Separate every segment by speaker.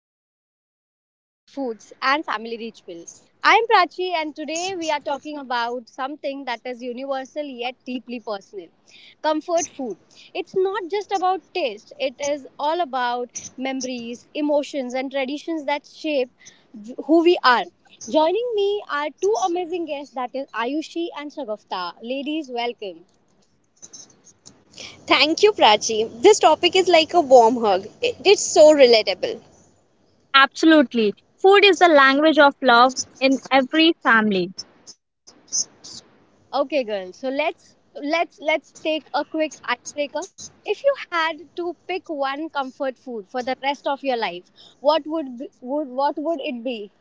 Speaker 1: and welcome to Comfort Foods and Family Rich Bills. I'm Prachi, and today we are talking about something that is universal yet deeply personal. Comfort food. It's not just about taste, it is all about memories, emotions and traditions that shape who we are. Joining me are two amazing guests, that is Ayushi and Shagafta. Ladies, welcome.
Speaker 2: Thank you, Prachi. This topic is like a warm hug. It's so relatable.
Speaker 3: Absolutely. Food is the language of love in every family.
Speaker 1: Okay, girls. So let's take a quick icebreaker. If you had to pick one comfort food for the rest of your life, what would it be?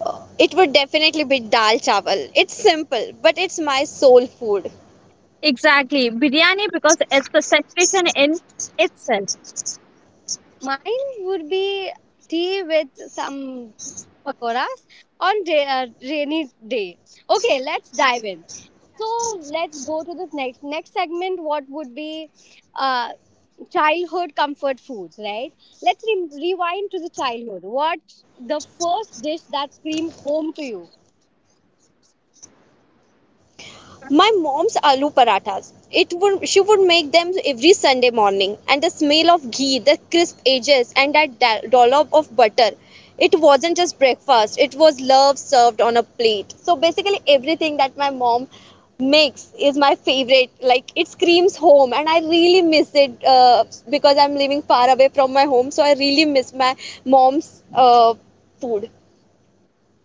Speaker 2: Uh, It would definitely be dal chawal. It's simple, but it's my soul food.
Speaker 3: Exactly. Biryani because it's a celebration in itself.
Speaker 1: Mine would be tea with some pakoras on rainy day. Okay, let's dive in. So let's go to this next segment. What would be uh, childhood comfort foods, right? Let's rewind to the childhood. What the first dish that screamed home to you?
Speaker 2: My mom's aloo parathas. It would She would make them every Sunday morning, and the smell of ghee, the crisp edges, and that dollop of butter. It wasn't just breakfast; it was love served on a plate. So basically, everything that my mom makes is my favorite. Like it screams home, and I really miss it, because I'm living far away from my home. So I really miss my mom's food.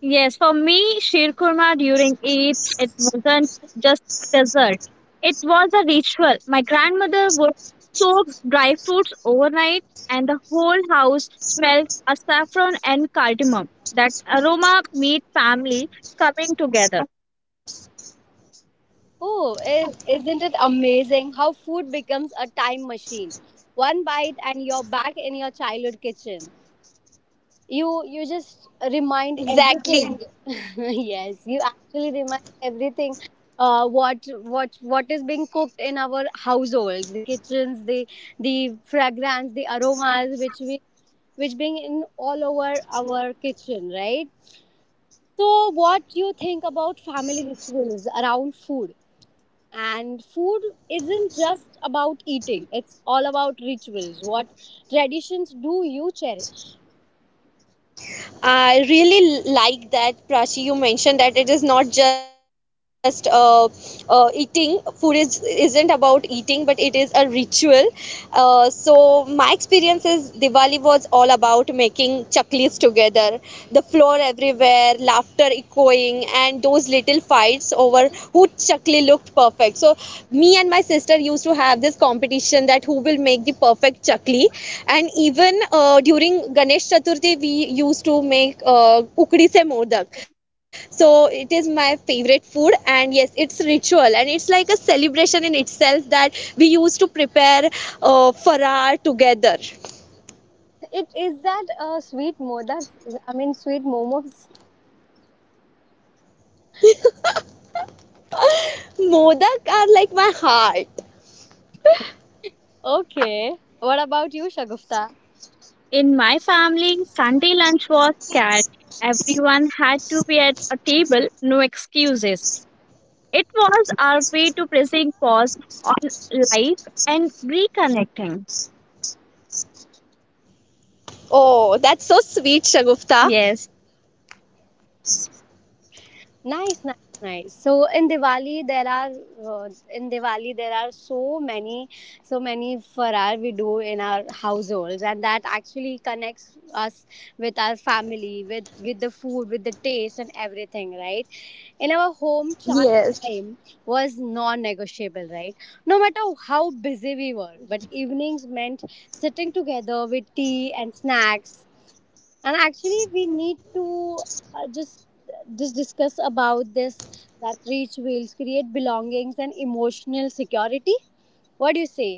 Speaker 3: Yes, for me, Shir Kurma during Eid, it wasn't just dessert. It was a ritual. My grandmother would soak dry fruits overnight, and the whole house smelled of saffron and cardamom. That aroma made family coming together.
Speaker 1: Oh, is isn't it amazing how food becomes a time machine? One bite and you're back in your childhood kitchen. You just remind
Speaker 2: Exactly.
Speaker 1: everything. Yes, you actually remind everything. What is being cooked in our households, the kitchens, the fragrance, the aromas which we which being in all over our kitchen, right? So what you think about family rituals around food? And food isn't just about eating, it's all about rituals. What traditions do you cherish?
Speaker 2: I really like that, Prachi, you mentioned that it is not just eating. Food is Isn't about eating, but it is a ritual. So my experience is Diwali was all about making chaklis together, the floor everywhere, laughter echoing, and those little fights over who chakli looked perfect. So me and my sister used to have this competition that who will make the perfect chakli. And even during Ganesh Chaturthi, we used to make ukdi se modak. So it is my favorite food, and yes, it's ritual and it's like a celebration in itself that we used to prepare farar together.
Speaker 1: It is that sweet mo. That's I mean, sweet momos.
Speaker 2: Modak are like my heart.
Speaker 1: Okay. What about you, Shagufta?
Speaker 3: In my family, Sunday lunch was shared. Everyone had to be at a table, no excuses. It was our way to pressing pause on life and reconnecting.
Speaker 2: Oh, that's so sweet, Shagufta.
Speaker 3: Yes.
Speaker 1: Nice, nice, nice. So in Diwali there are in Diwali there are so many farar we do in our households, and that actually connects us with our family, with the food, with the taste and everything, right? In our home, chai time
Speaker 2: Yes.
Speaker 1: was non-negotiable, right? No matter how busy we were, but evenings meant sitting together with tea and snacks. And actually we need to uh, just just discuss about this, that reach will create belongings and emotional security. What do you say?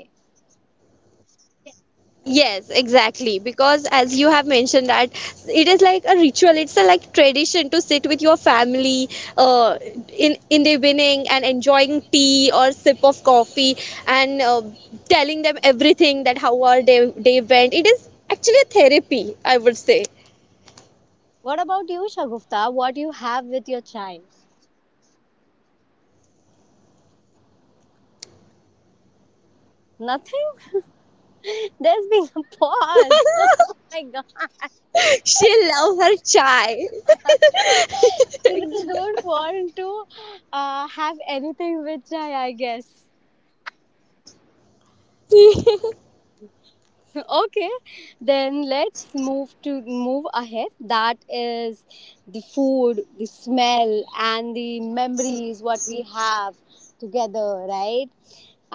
Speaker 2: Yes, exactly. Because as you have mentioned that it is like a ritual. It's a like tradition to sit with your family uh, in the evening and enjoying tea or sip of coffee and telling them everything that how our day went. It is actually a therapy, I would say.
Speaker 1: What about you, Shagufta? What do you have with your child? Nothing. There's been a pause. My god.
Speaker 2: She love her chai.
Speaker 1: Children don't want to have anything with chai, I guess. Okay, then let's move to move ahead, that is the food, the smell, and the memories what we have together, right?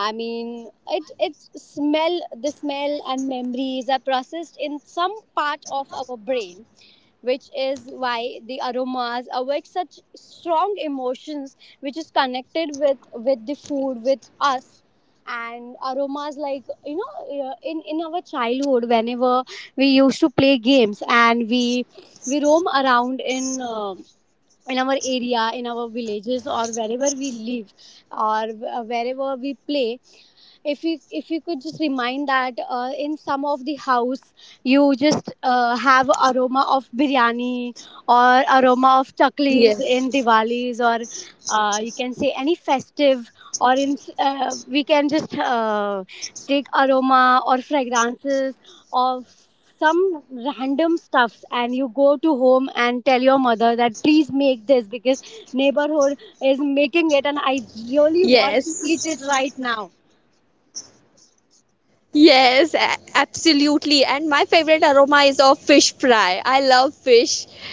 Speaker 1: I mean, it smell, the smell and memories are processed in some part of our brain, which is why the aromas awake such strong emotions, which is connected with the food with us. And aromas like, you know, in our childhood, whenever we used to play games and we roam around in our area, in our villages, or wherever we live, or wherever we play, if you could just remind that in some of the house you just have aroma of biryani, or aroma of chaklis in
Speaker 2: Yes.
Speaker 1: Diwalis, or you can say any festive, or in we can just take aroma or fragrances of some random stuffs, and you go to home and tell your mother that please make this because neighborhood is making it, and I really want to
Speaker 2: Yes.
Speaker 1: eat it right now.
Speaker 2: Yes, absolutely. And my favorite aroma is of fish fry. I love fish,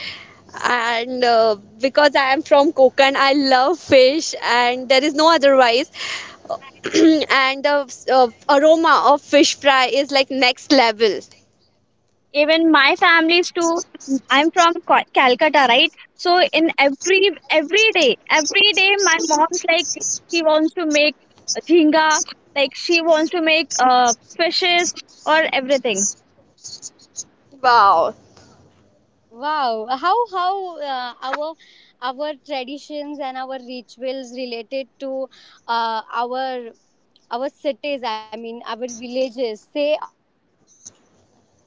Speaker 2: and because I am I love fish, and there is no otherwise. And the aroma of fish fry is like next level.
Speaker 3: Even my families too. I'm from Calcutta, right? So in every day my mom's like she wants to make jhinga, like she wants to make fishes or everything.
Speaker 2: Wow.
Speaker 1: Wow, how our traditions and our rituals related to uh, our our cities, I mean our villages, say a lot about food.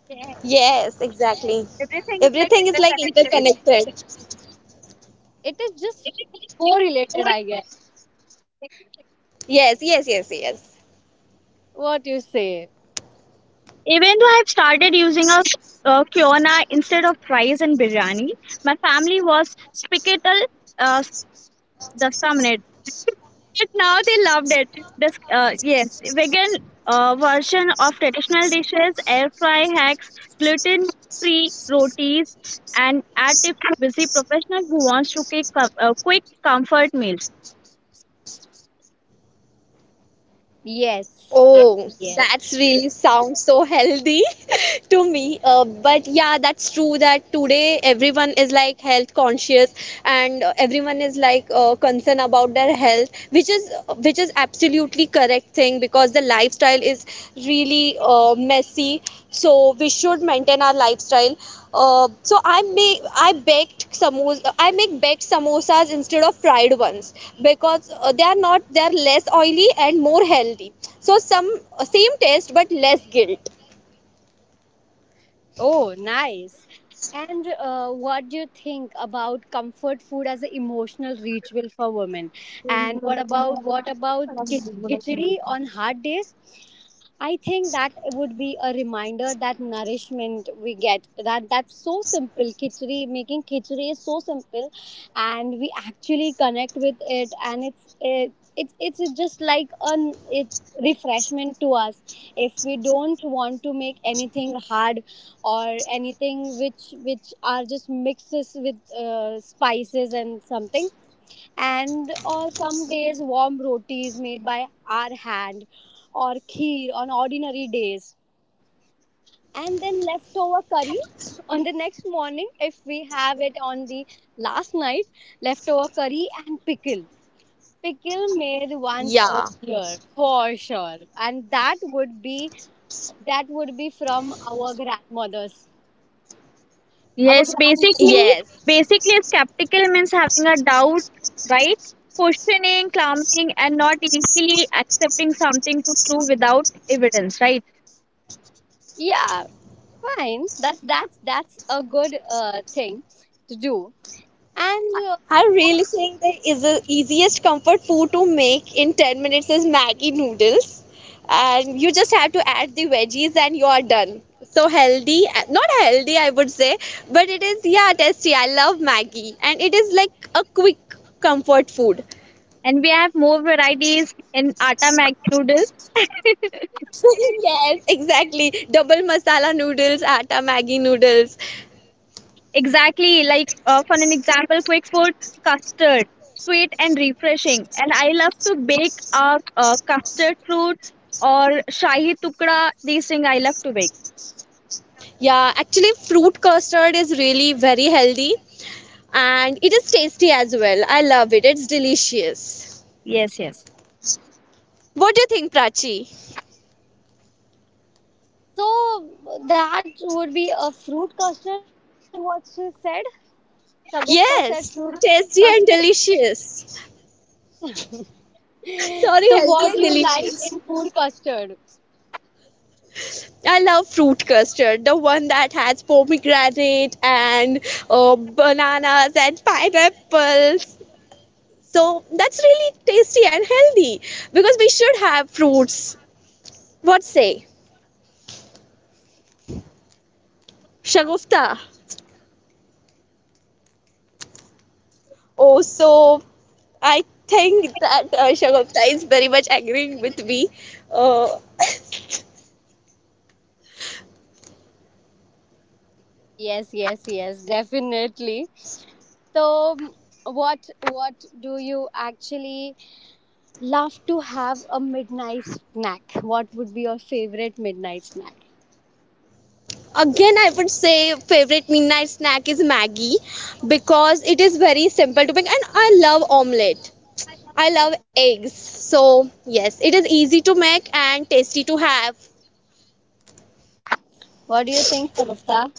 Speaker 3: Yes.
Speaker 2: Yes, exactly.
Speaker 3: Everything is like
Speaker 2: Everything is like
Speaker 3: interconnected.
Speaker 2: interconnected.
Speaker 1: It is just correlated, I guess.
Speaker 2: Yes.
Speaker 1: What you say?
Speaker 3: Even though I've started using a kiona instead of rice and biryani, my family was spicatal uh, the but now they loved it. This, yes, vegan version of traditional dishes, air fry hacks, gluten free rotis, and add if you're busy professional who wants to cook quick comfort meals.
Speaker 1: Yes, yes,
Speaker 2: Oh,
Speaker 1: yes.
Speaker 2: that's really sounds so healthy to me. But yeah, that's true that today is like health conscious, and everyone is like concerned about their health, which is absolutely correct thing, because the lifestyle is really messy, so we should maintain our lifestyle. So I may I baked samosa. I make baked samosas instead of fried ones, because they are not they are less oily and more healthy. So some same taste, but less guilt.
Speaker 1: Oh, nice. And what do you think about comfort food as an emotional ritual for women? And what about khichdi on hard days? I think that would be a reminder that nourishment we get, that that's so simple. Khichdi, making khichdi is so simple, and we actually connect with it, and it's it, it's just like an it refreshment to us if we don't want to make anything hard, or anything which are just mixes with spices and something, and or some days warm rotis made by our hand, or kheer on ordinary days, and then leftover curry on the next morning if we have it on the last night, leftover curry and pickle. Pickle made
Speaker 2: Yeah,
Speaker 1: once a year for sure, and that would be from our grandmothers, our
Speaker 3: Yes,
Speaker 1: grandmothers.
Speaker 2: yes.
Speaker 3: basically, skeptical means having a doubt, right? Questioning, clamping, and not easily accepting something to prove without evidence, right?
Speaker 1: Yeah, fine, that's a good thing to do. And
Speaker 2: I really think the easiest comfort food to make in 10 minutes is Maggie noodles. And you just have to add the veggies and you are done. So healthy, not healthy, I would say, but it is, yeah, tasty. I love Maggie. And it is like a quick comfort food.
Speaker 3: And we have more varieties in atta mag noodles.
Speaker 2: Yes, exactly. Double masala noodles, atta Maggi noodles.
Speaker 3: Exactly, like for an example, quick food custard, sweet and refreshing. And I love to bake custard fruit or shahi tukda. These things I love to bake.
Speaker 2: Yeah, actually, fruit custard is really very healthy, and it is tasty as well. I love it. It's delicious.
Speaker 3: Yes, yes.
Speaker 2: What do you think, Prachi?
Speaker 1: so that would be a fruit custard, what she said. Shagufta said fruit
Speaker 2: Yes,
Speaker 1: custard.
Speaker 2: tasty and delicious.
Speaker 1: So
Speaker 2: Sorry,
Speaker 1: what
Speaker 2: healthy and
Speaker 1: you like in
Speaker 2: delicious.
Speaker 1: food custard?
Speaker 2: I love fruit custard, the one that has pomegranate and bananas and pineapples. So that's really tasty and healthy, because we should have fruits. What say? Shagufta. Oh, so I think that Shagufta is very much agreeing with me. Uh,
Speaker 1: Yes, yes, yes, definitely. So what what do you actually love to have a midnight snack? What would be your favorite midnight snack?
Speaker 2: Again, I would say favorite midnight snack is Maggie, because it is very simple to make and I love omelette. I love eggs. So, yes, it is easy to make and tasty to have.
Speaker 1: What do you think, Shagufta?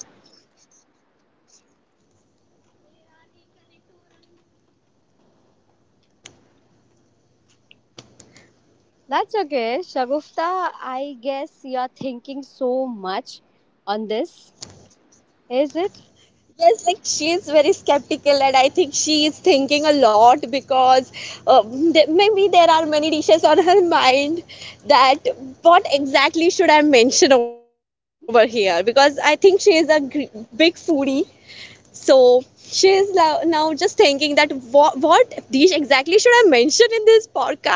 Speaker 1: That's okay. Shagufta, I guess you're thinking so much on this, is it?
Speaker 2: Yes, like she is very skeptical, and I think she is thinking a lot because maybe there are many dishes on her mind that what exactly should I mention over here, because I think she is a big foodie. So she is now just thinking that what these exactly should I mention in this podcast?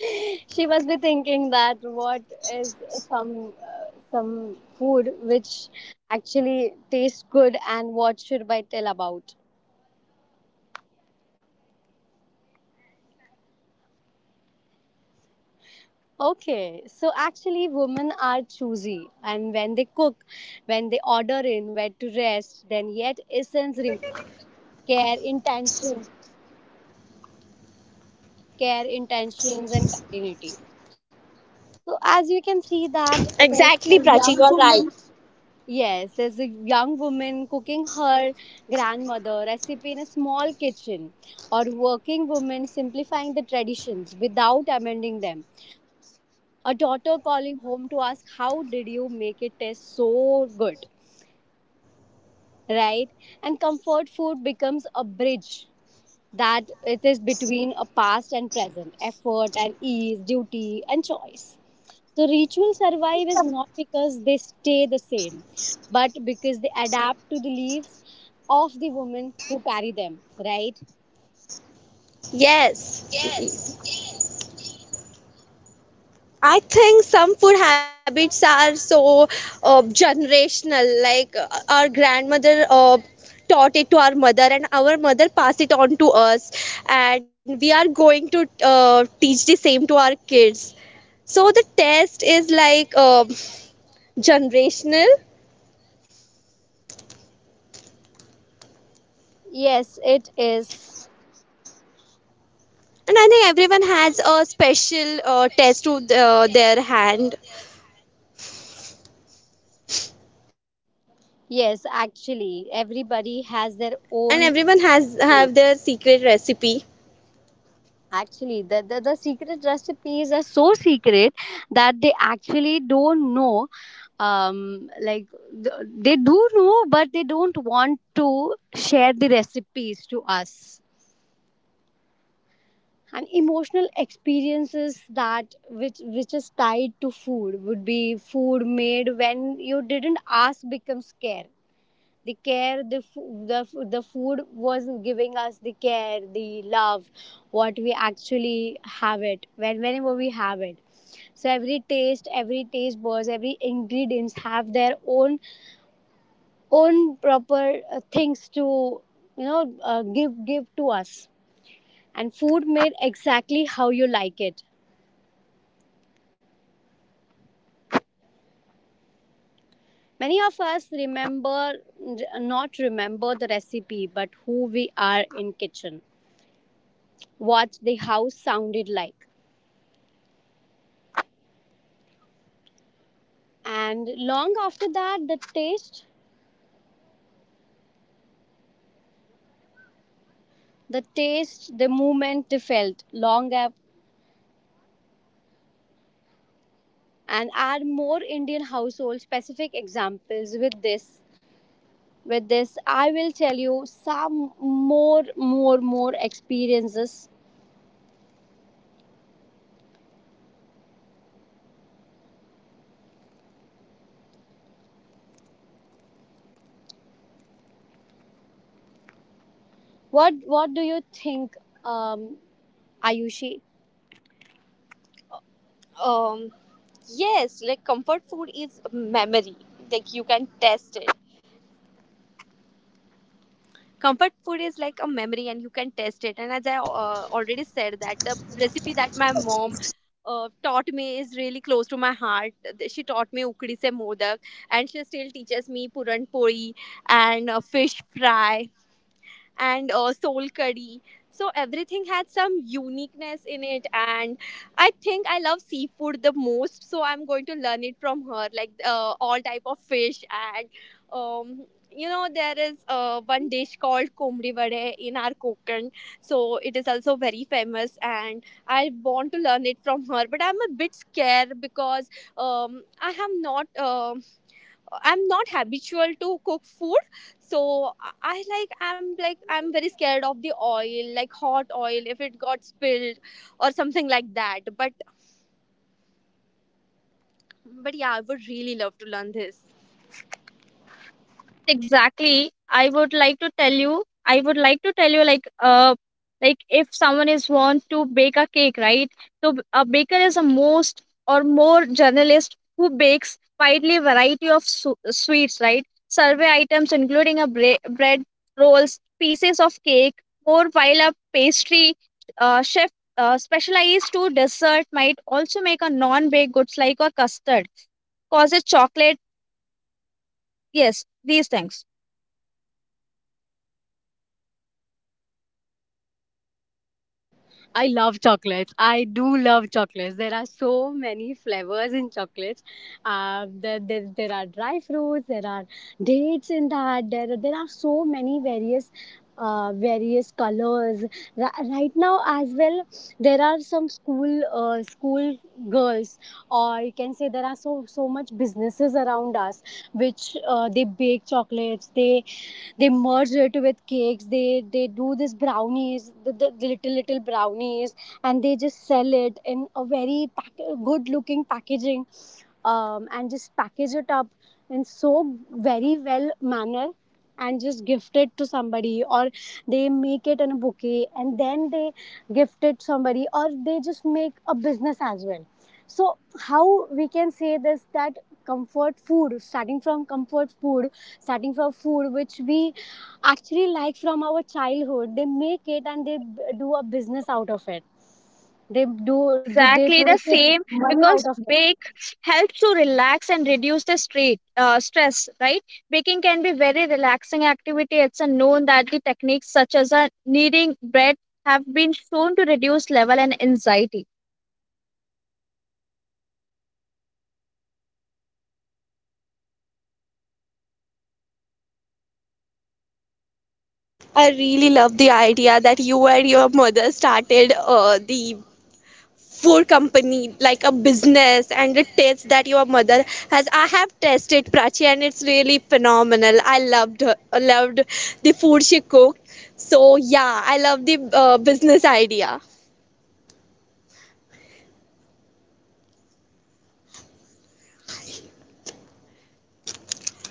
Speaker 1: She must be thinking that what is some food which actually tastes good,
Speaker 2: I am
Speaker 1: and what
Speaker 2: looking like
Speaker 1: should
Speaker 2: a
Speaker 1: I
Speaker 2: fool
Speaker 1: tell
Speaker 2: in
Speaker 1: about?
Speaker 2: front of her, because only I can make is omelette and Maggie.
Speaker 1: Okay, so actually, women are choosy, and when they cook, when they order in, where to rest, then yet essence remains care, intention, care, intentions, and continuity. So as you can see
Speaker 2: Exactly,
Speaker 1: that
Speaker 2: Prachi, you're
Speaker 1: there's
Speaker 2: right.
Speaker 1: a young woman. Yes, there's a young woman cooking her grandmother recipe in a small kitchen, or working woman simplifying the traditions without amending them. A daughter calling home to ask how did you make it taste so good, right? And comfort food becomes a bridge, that it is between a past and present, effort and ease, duty and choice. So rituals survive is not because they stay the same, but because they adapt to the lives of the women who carry them, right?
Speaker 2: Yes. I think some food habits are so generational. Like our grandmother taught it to our mother, and our mother passed it on to us, and we are going to teach the same to our kids. So the test is like generational,
Speaker 1: Yes, it is.
Speaker 2: and I think everyone has a special test to the, their hand,
Speaker 1: Yes, actually, everybody has their
Speaker 2: and
Speaker 1: own
Speaker 2: everyone has have
Speaker 1: taste.
Speaker 2: their secret recipe.
Speaker 1: Actually, the secret recipes are so secret that they actually don't know. Like they do know, but they don't want to share the recipes to us. And emotional experiences that which is tied to food would be food made when you didn't ask becomes care, the care, the food was giving us the care, the love what we actually have it when whenever we have it. So every taste, every taste buds, every ingredients have their own own proper things to, you know, give to us. And food made exactly how you like it, many of us remember not remember the recipe, but who we are in kitchen, what the house sounded like, and long after that the taste, the taste, the movement they felt long up. And add more Indian household specific examples with this. With this I will tell you some more experiences. What do you think, um, Ayushi? Um, yes, like comfort food is memory, like you can test it. Comfort food is like a memory and you can taste it. And as I already said that the recipe that my mom taught me is really close to my heart. She taught me ukdi se modak, and she still teaches me puran pori and fish fry and soul curry. So everything had some uniqueness in it, and I think I love seafood the most. So I'm going to learn it from her, like all type of fish and. Um, you know there is one dish called komri vade in our Konkan, so it is also very famous, and I want to learn it from her. But I'm a bit scared because I have not. Um, I'm not habitual to cook food, so I I'm very scared of the oil, like hot oil, if it got spilled or something like that. But yeah, I would really love to learn this.
Speaker 3: Yes, exactly. I would like to tell you, like if someone is want to bake a cake, right? So a baker is a most or more journalist who bakes widely variety of sweets, right? Survey items including a bread, rolls, pieces of cake, more, while a pastry chef specialized to dessert might also make a non-baked goods like a custard, causes chocolate, yes, these things.
Speaker 1: I love chocolates. I do love chocolates. There are so many flavors in chocolates. There are dry fruits. There are dates in that. There are so many various. Various colors. Right now as well there are some school school girls, or you can say there are so much businesses around us which, they bake chocolates, they merge it with cakes, they do this brownies, the little brownies, and they just sell it in a very good looking packaging, and just package it up in so very well manner and just gift it to somebody, or they make it in a bouquet and then they gift it somebody, or they just make a business as well. So how we can say this, that comfort food, starting from comfort food, starting from food which we actually like from our childhood, they make it and they do a business out of it. They do they
Speaker 3: Exactly
Speaker 1: make
Speaker 3: the
Speaker 1: it
Speaker 3: same,
Speaker 1: money out of
Speaker 3: because
Speaker 1: it?
Speaker 3: bake helps to relax and reduce the stress, right? Baking can be very relaxing activity. It's a known that the techniques such as a kneading bread have been shown to reduce level and anxiety.
Speaker 2: I really love the idea that you and your mother started the food company like a business, and the taste that your mother has. I have tasted Prachi and it's really phenomenal. Loved the food she cooked. So yeah, I love the business idea.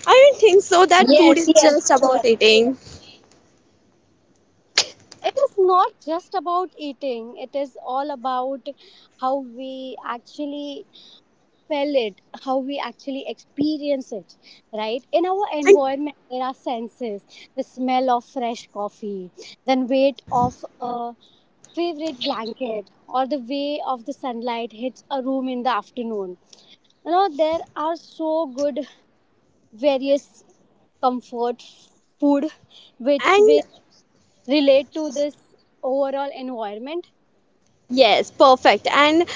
Speaker 2: I don't think so that
Speaker 1: Yes,
Speaker 2: food is
Speaker 1: yes,
Speaker 2: just
Speaker 1: yes,
Speaker 2: about eating.
Speaker 1: it is not just about eating, it is all about how we actually feel it, how we actually experience it, right? In our
Speaker 2: And
Speaker 1: environment there are senses, the smell of fresh coffee, then weight of a favorite blanket, or the way of the sunlight hits a room in the afternoon. You know, there are so good various comfort food which will
Speaker 2: and.
Speaker 1: relate to this overall environment.
Speaker 2: Yes, perfect. And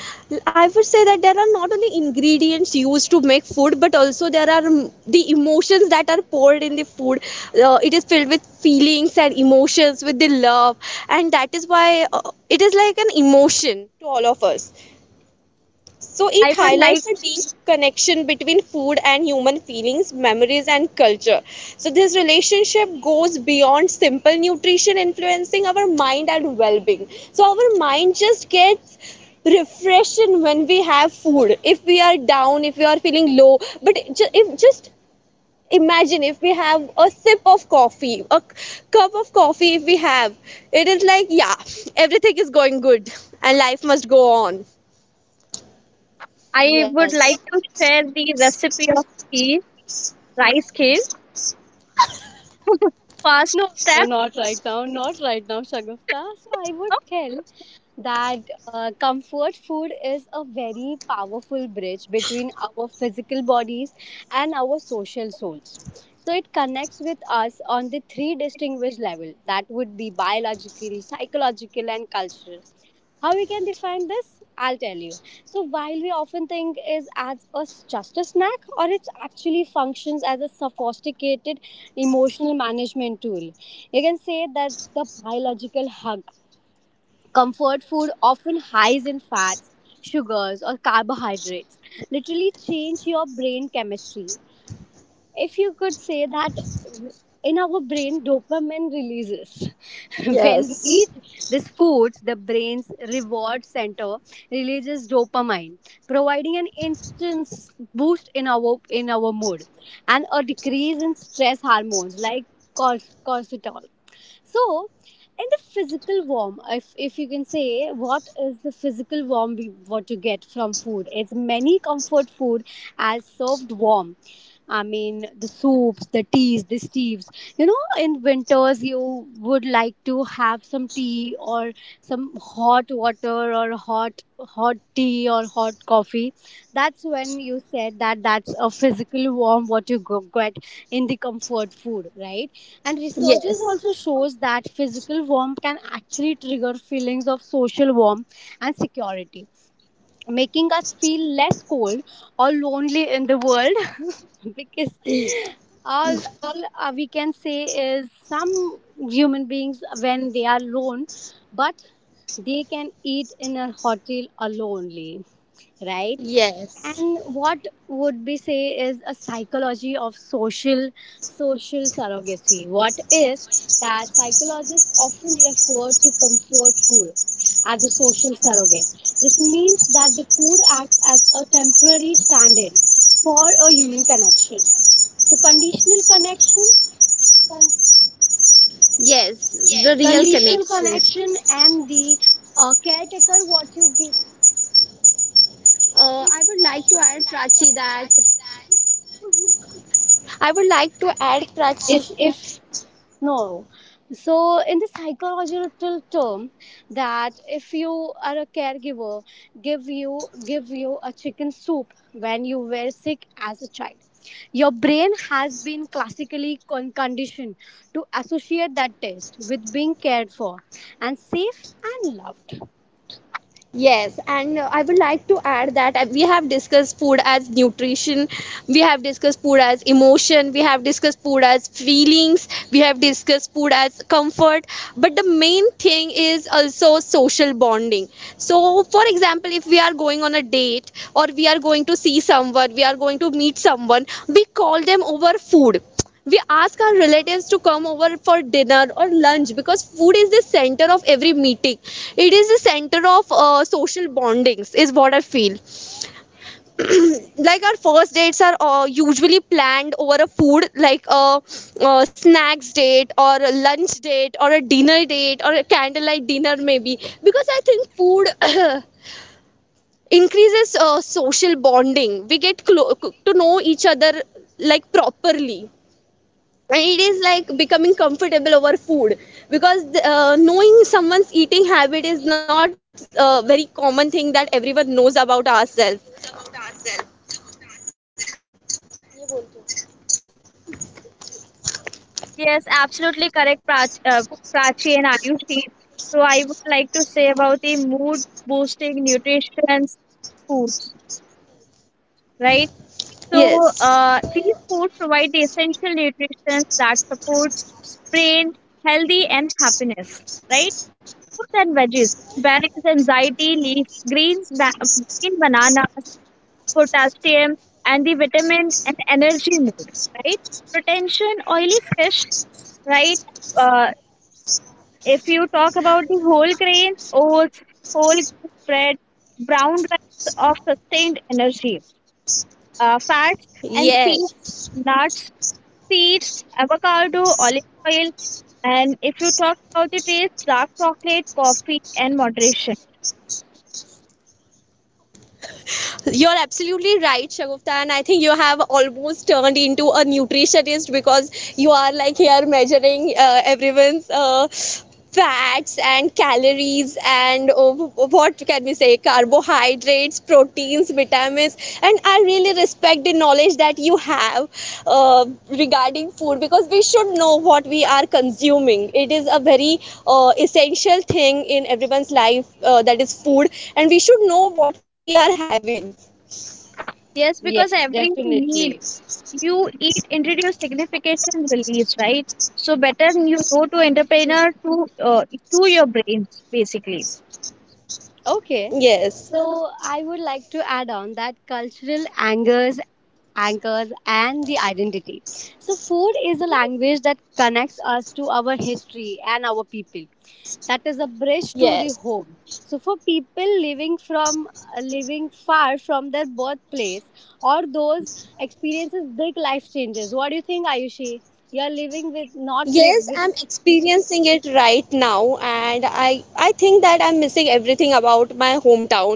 Speaker 2: I would say that there are not only ingredients used to make food, but also there are the emotions that are poured in the food. It is filled with feelings and emotions, with the love, and that is why it is like an emotion to all of us. So
Speaker 3: i
Speaker 2: it
Speaker 3: would like
Speaker 2: highlights a deep connection between food and human feelings, memories, and culture. So this relationship goes beyond simple nutrition, influencing our mind and well being. So our mind just gets refreshing when we have food. If we are down, if we are feeling low, but ju- if just imagine if we have a sip of coffee, a cup of coffee, if we have, it is like, yeah, everything is going good and life must go on.
Speaker 3: I
Speaker 1: Yes.
Speaker 3: would like to share the recipe of kheer, rice kheer. First
Speaker 1: No, no, no,
Speaker 3: step.
Speaker 1: not right now. Not right now, Shagufta. So I would
Speaker 3: No?
Speaker 1: tell that comfort food is a very powerful bridge between our physical bodies and our social souls. So it connects with us on the three distinguished level, that would be biological, psychological, and cultural. How we can define this? I'll tell you. So while we often think is as a just a snack, or it actually functions as a sophisticated emotional management tool. You can say that's the biological hug. Comfort food often highs in fats, sugars, or carbohydrates. Literally change your brain chemistry, if you could say that, in our brain dopamine releases when we
Speaker 2: Yes.
Speaker 1: eat these foods, the brain's reward center releases dopamine, providing an instant boost in our mood and a decrease in stress hormones like cortisol. So, in the physical warm, if you can say, what is the physical warm we, what you get from food? It's many comfort food as served warm. I mean, the soups, the teas, the steves. You know, in winters, you would like to have some tea or some hot water or hot tea or hot coffee. That's when you said that that's a physical warm what you go get in the comfort food, right? And researchers
Speaker 2: Yes,
Speaker 1: also shows that physical warmth can actually trigger feelings of social warmth and security, making us feel less cold or lonely in the world because
Speaker 2: y-
Speaker 1: all we can say is some human beings when they are alone, but they can eat in a hotel alone, right?
Speaker 2: yes,
Speaker 1: And what would be say is a psychology of social social surrogacy? What is that? Psychologists often refer to comfort food as a social surrogate. This means that the food acts as a temporary stand in for a human connection. So, conditional connection, con-
Speaker 2: yes, the real
Speaker 1: conditional
Speaker 2: connection.
Speaker 1: connection, and the caretaker, what you give.
Speaker 2: I would like to add Prachi that. I would like to add, Prachi.
Speaker 1: If. No. So, in the psychological term, that if you are a caregiver, give you a chicken soup when you were sick as a child. Your brain has been classically conditioned to associate that taste with being cared for and safe and loved.
Speaker 2: Yes, and I would like to add that we have discussed food as nutrition, we have discussed food as emotion, we have discussed food as feelings, we have discussed food as comfort, but the main thing is also social bonding. So, for example, if we are going on a date, or we are going to see someone, we are going to meet someone, we call them over food. We ask our relatives to come over for dinner or lunch, because food is the center of every meeting. It is the center of social bondings, is what I feel. Like our first dates are usually planned over a food, like a snacks date, or a lunch date, or a dinner date, or a candlelight dinner maybe, because I think food increases social bonding. We get to know each other like properly, and it is like becoming comfortable over food, because knowing someone's eating habit is not a very common thing that everyone knows about ourselves.
Speaker 3: Yes, absolutely correct, Prachi and Ayushi. So I would like to say about the mood boosting nutrition foods, right?
Speaker 2: Yes,
Speaker 3: So, these foods provide the essential nutrition that support brain, healthy, and happiness, right? Fruits and veggies, berries, anxiety, leaf, greens, green bananas, potassium, and the vitamin and energy need, right? Retention, oily fish, right? Uh, if you talk about the whole grains, oats, whole bread, brown rice of sustained energy, fats and
Speaker 2: yes.
Speaker 3: seeds, nuts, seeds, avocado, olive oil, and if you talk about the taste, dark chocolate, coffee, and moderation.
Speaker 2: You're absolutely right, Shagufta, and I think you have almost turned into a nutritionist, because you are like here measuring everyone's fats and calories and what can we say, carbohydrates, proteins, vitamins. And I really respect the knowledge that you have regarding food, because we should know what we are consuming. It is a very essential thing in everyone's life, that is food, and we should know what we are having.
Speaker 3: Yes, because
Speaker 1: Yes,
Speaker 3: every meal
Speaker 1: definitely.
Speaker 3: you eat introduce significant release, right? So better you go to entrepreneur to your brains basically.
Speaker 1: Okay.
Speaker 2: Yes,
Speaker 1: I would like to add on that cultural angers, anchors, and the identity. So, food is a language that connects us to our history and our people. That is a bridge to the
Speaker 2: yes,
Speaker 1: home. So, for people living from living far from their birthplace or those experiences big life changes, what do you think, Ayushi? You're living with, not
Speaker 2: yes.
Speaker 1: live
Speaker 2: I'm
Speaker 1: with.
Speaker 2: experiencing it right now, and I think that I'm missing everything about my hometown,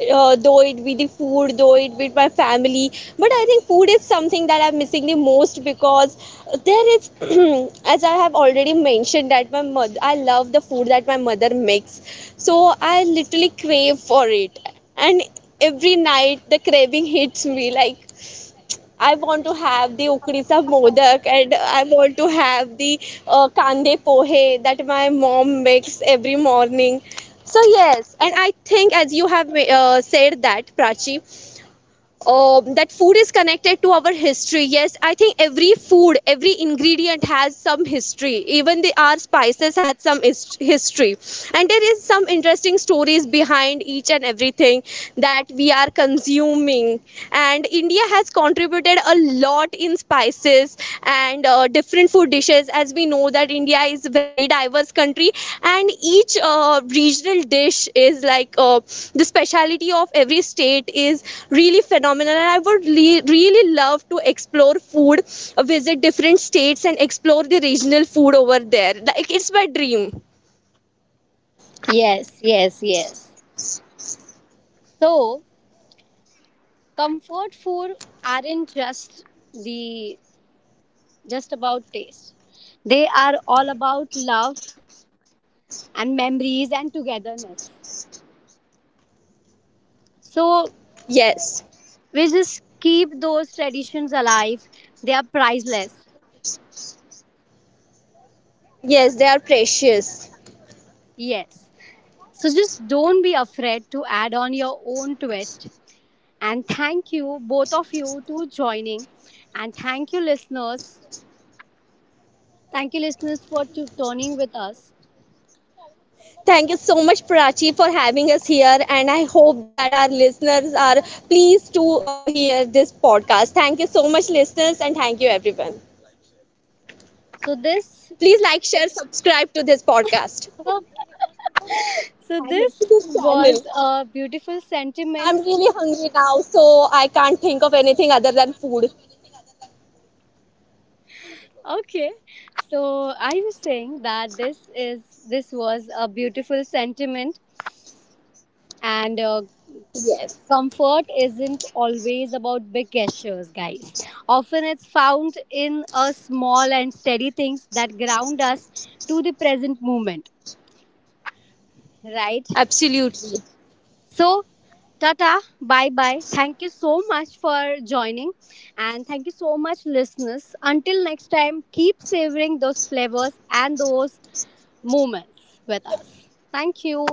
Speaker 2: though it be the food, though it be my family. But I think food is something that I'm missing the most, because there is, as I have already mentioned, that my mother, I love the food that my mother makes, so I literally crave for it, and every night the craving hits me like I want to have the ukrisa modak and I want to have the kande pohe that my mom makes every morning. So yes, and I think as you have said that, Prachi, that food is connected to our history. Yes, I think every food, every ingredient has some history. Even the our spices had some history, and there is some interesting stories behind each and everything that we are consuming. And India has contributed a lot in spices and different food dishes, as we know that India is a very diverse country, and each regional dish is like the speciality of every state is really phenomenal. And I would really love to explore food, visit different states and explore the regional food over there. Like it's my dream.
Speaker 1: Yes, yes, yes. So, comfort food aren't just the just about taste. They are all about love and memories and togetherness. So
Speaker 2: Yes,
Speaker 1: we just keep those traditions alive. They are priceless.
Speaker 2: yes, they are precious.
Speaker 1: Yes. So just don't be afraid to add on your own twist. And thank you, both of you, to joining. And thank you, listeners. Thank you, listeners, for to tuning with us.
Speaker 2: Thank you so much, Prachi, for having us here, and I hope that
Speaker 3: Pooja
Speaker 2: our
Speaker 3: वापसी
Speaker 2: listeners are pleased to hear this podcast. Thank you so much, listeners, and thank you, everyone.
Speaker 1: So this,
Speaker 2: Please like, share, subscribe to this
Speaker 3: ये record
Speaker 2: podcast,
Speaker 3: होगा
Speaker 1: so this
Speaker 2: to this channel.
Speaker 1: was a beautiful
Speaker 2: I'm
Speaker 1: sentiment.
Speaker 2: really hungry now, so I can't think of anything other than food.
Speaker 1: Okay, so I was saying that this
Speaker 3: 에이
Speaker 1: is,
Speaker 3: 룩이죠
Speaker 1: this was
Speaker 3: 너무나도
Speaker 1: a
Speaker 3: 없죠
Speaker 1: beautiful sentiment, and
Speaker 2: Yes,
Speaker 1: comfort isn't always about big gestures, guys. Often it's found in a small and steady things that ground us to the present moment, right?
Speaker 2: absolutely.
Speaker 1: So, Tata, bye bye. Thank you so much for joining, and thank you so much, listeners. Until next time, keep savoring those flavors and those moments with us. Thank you.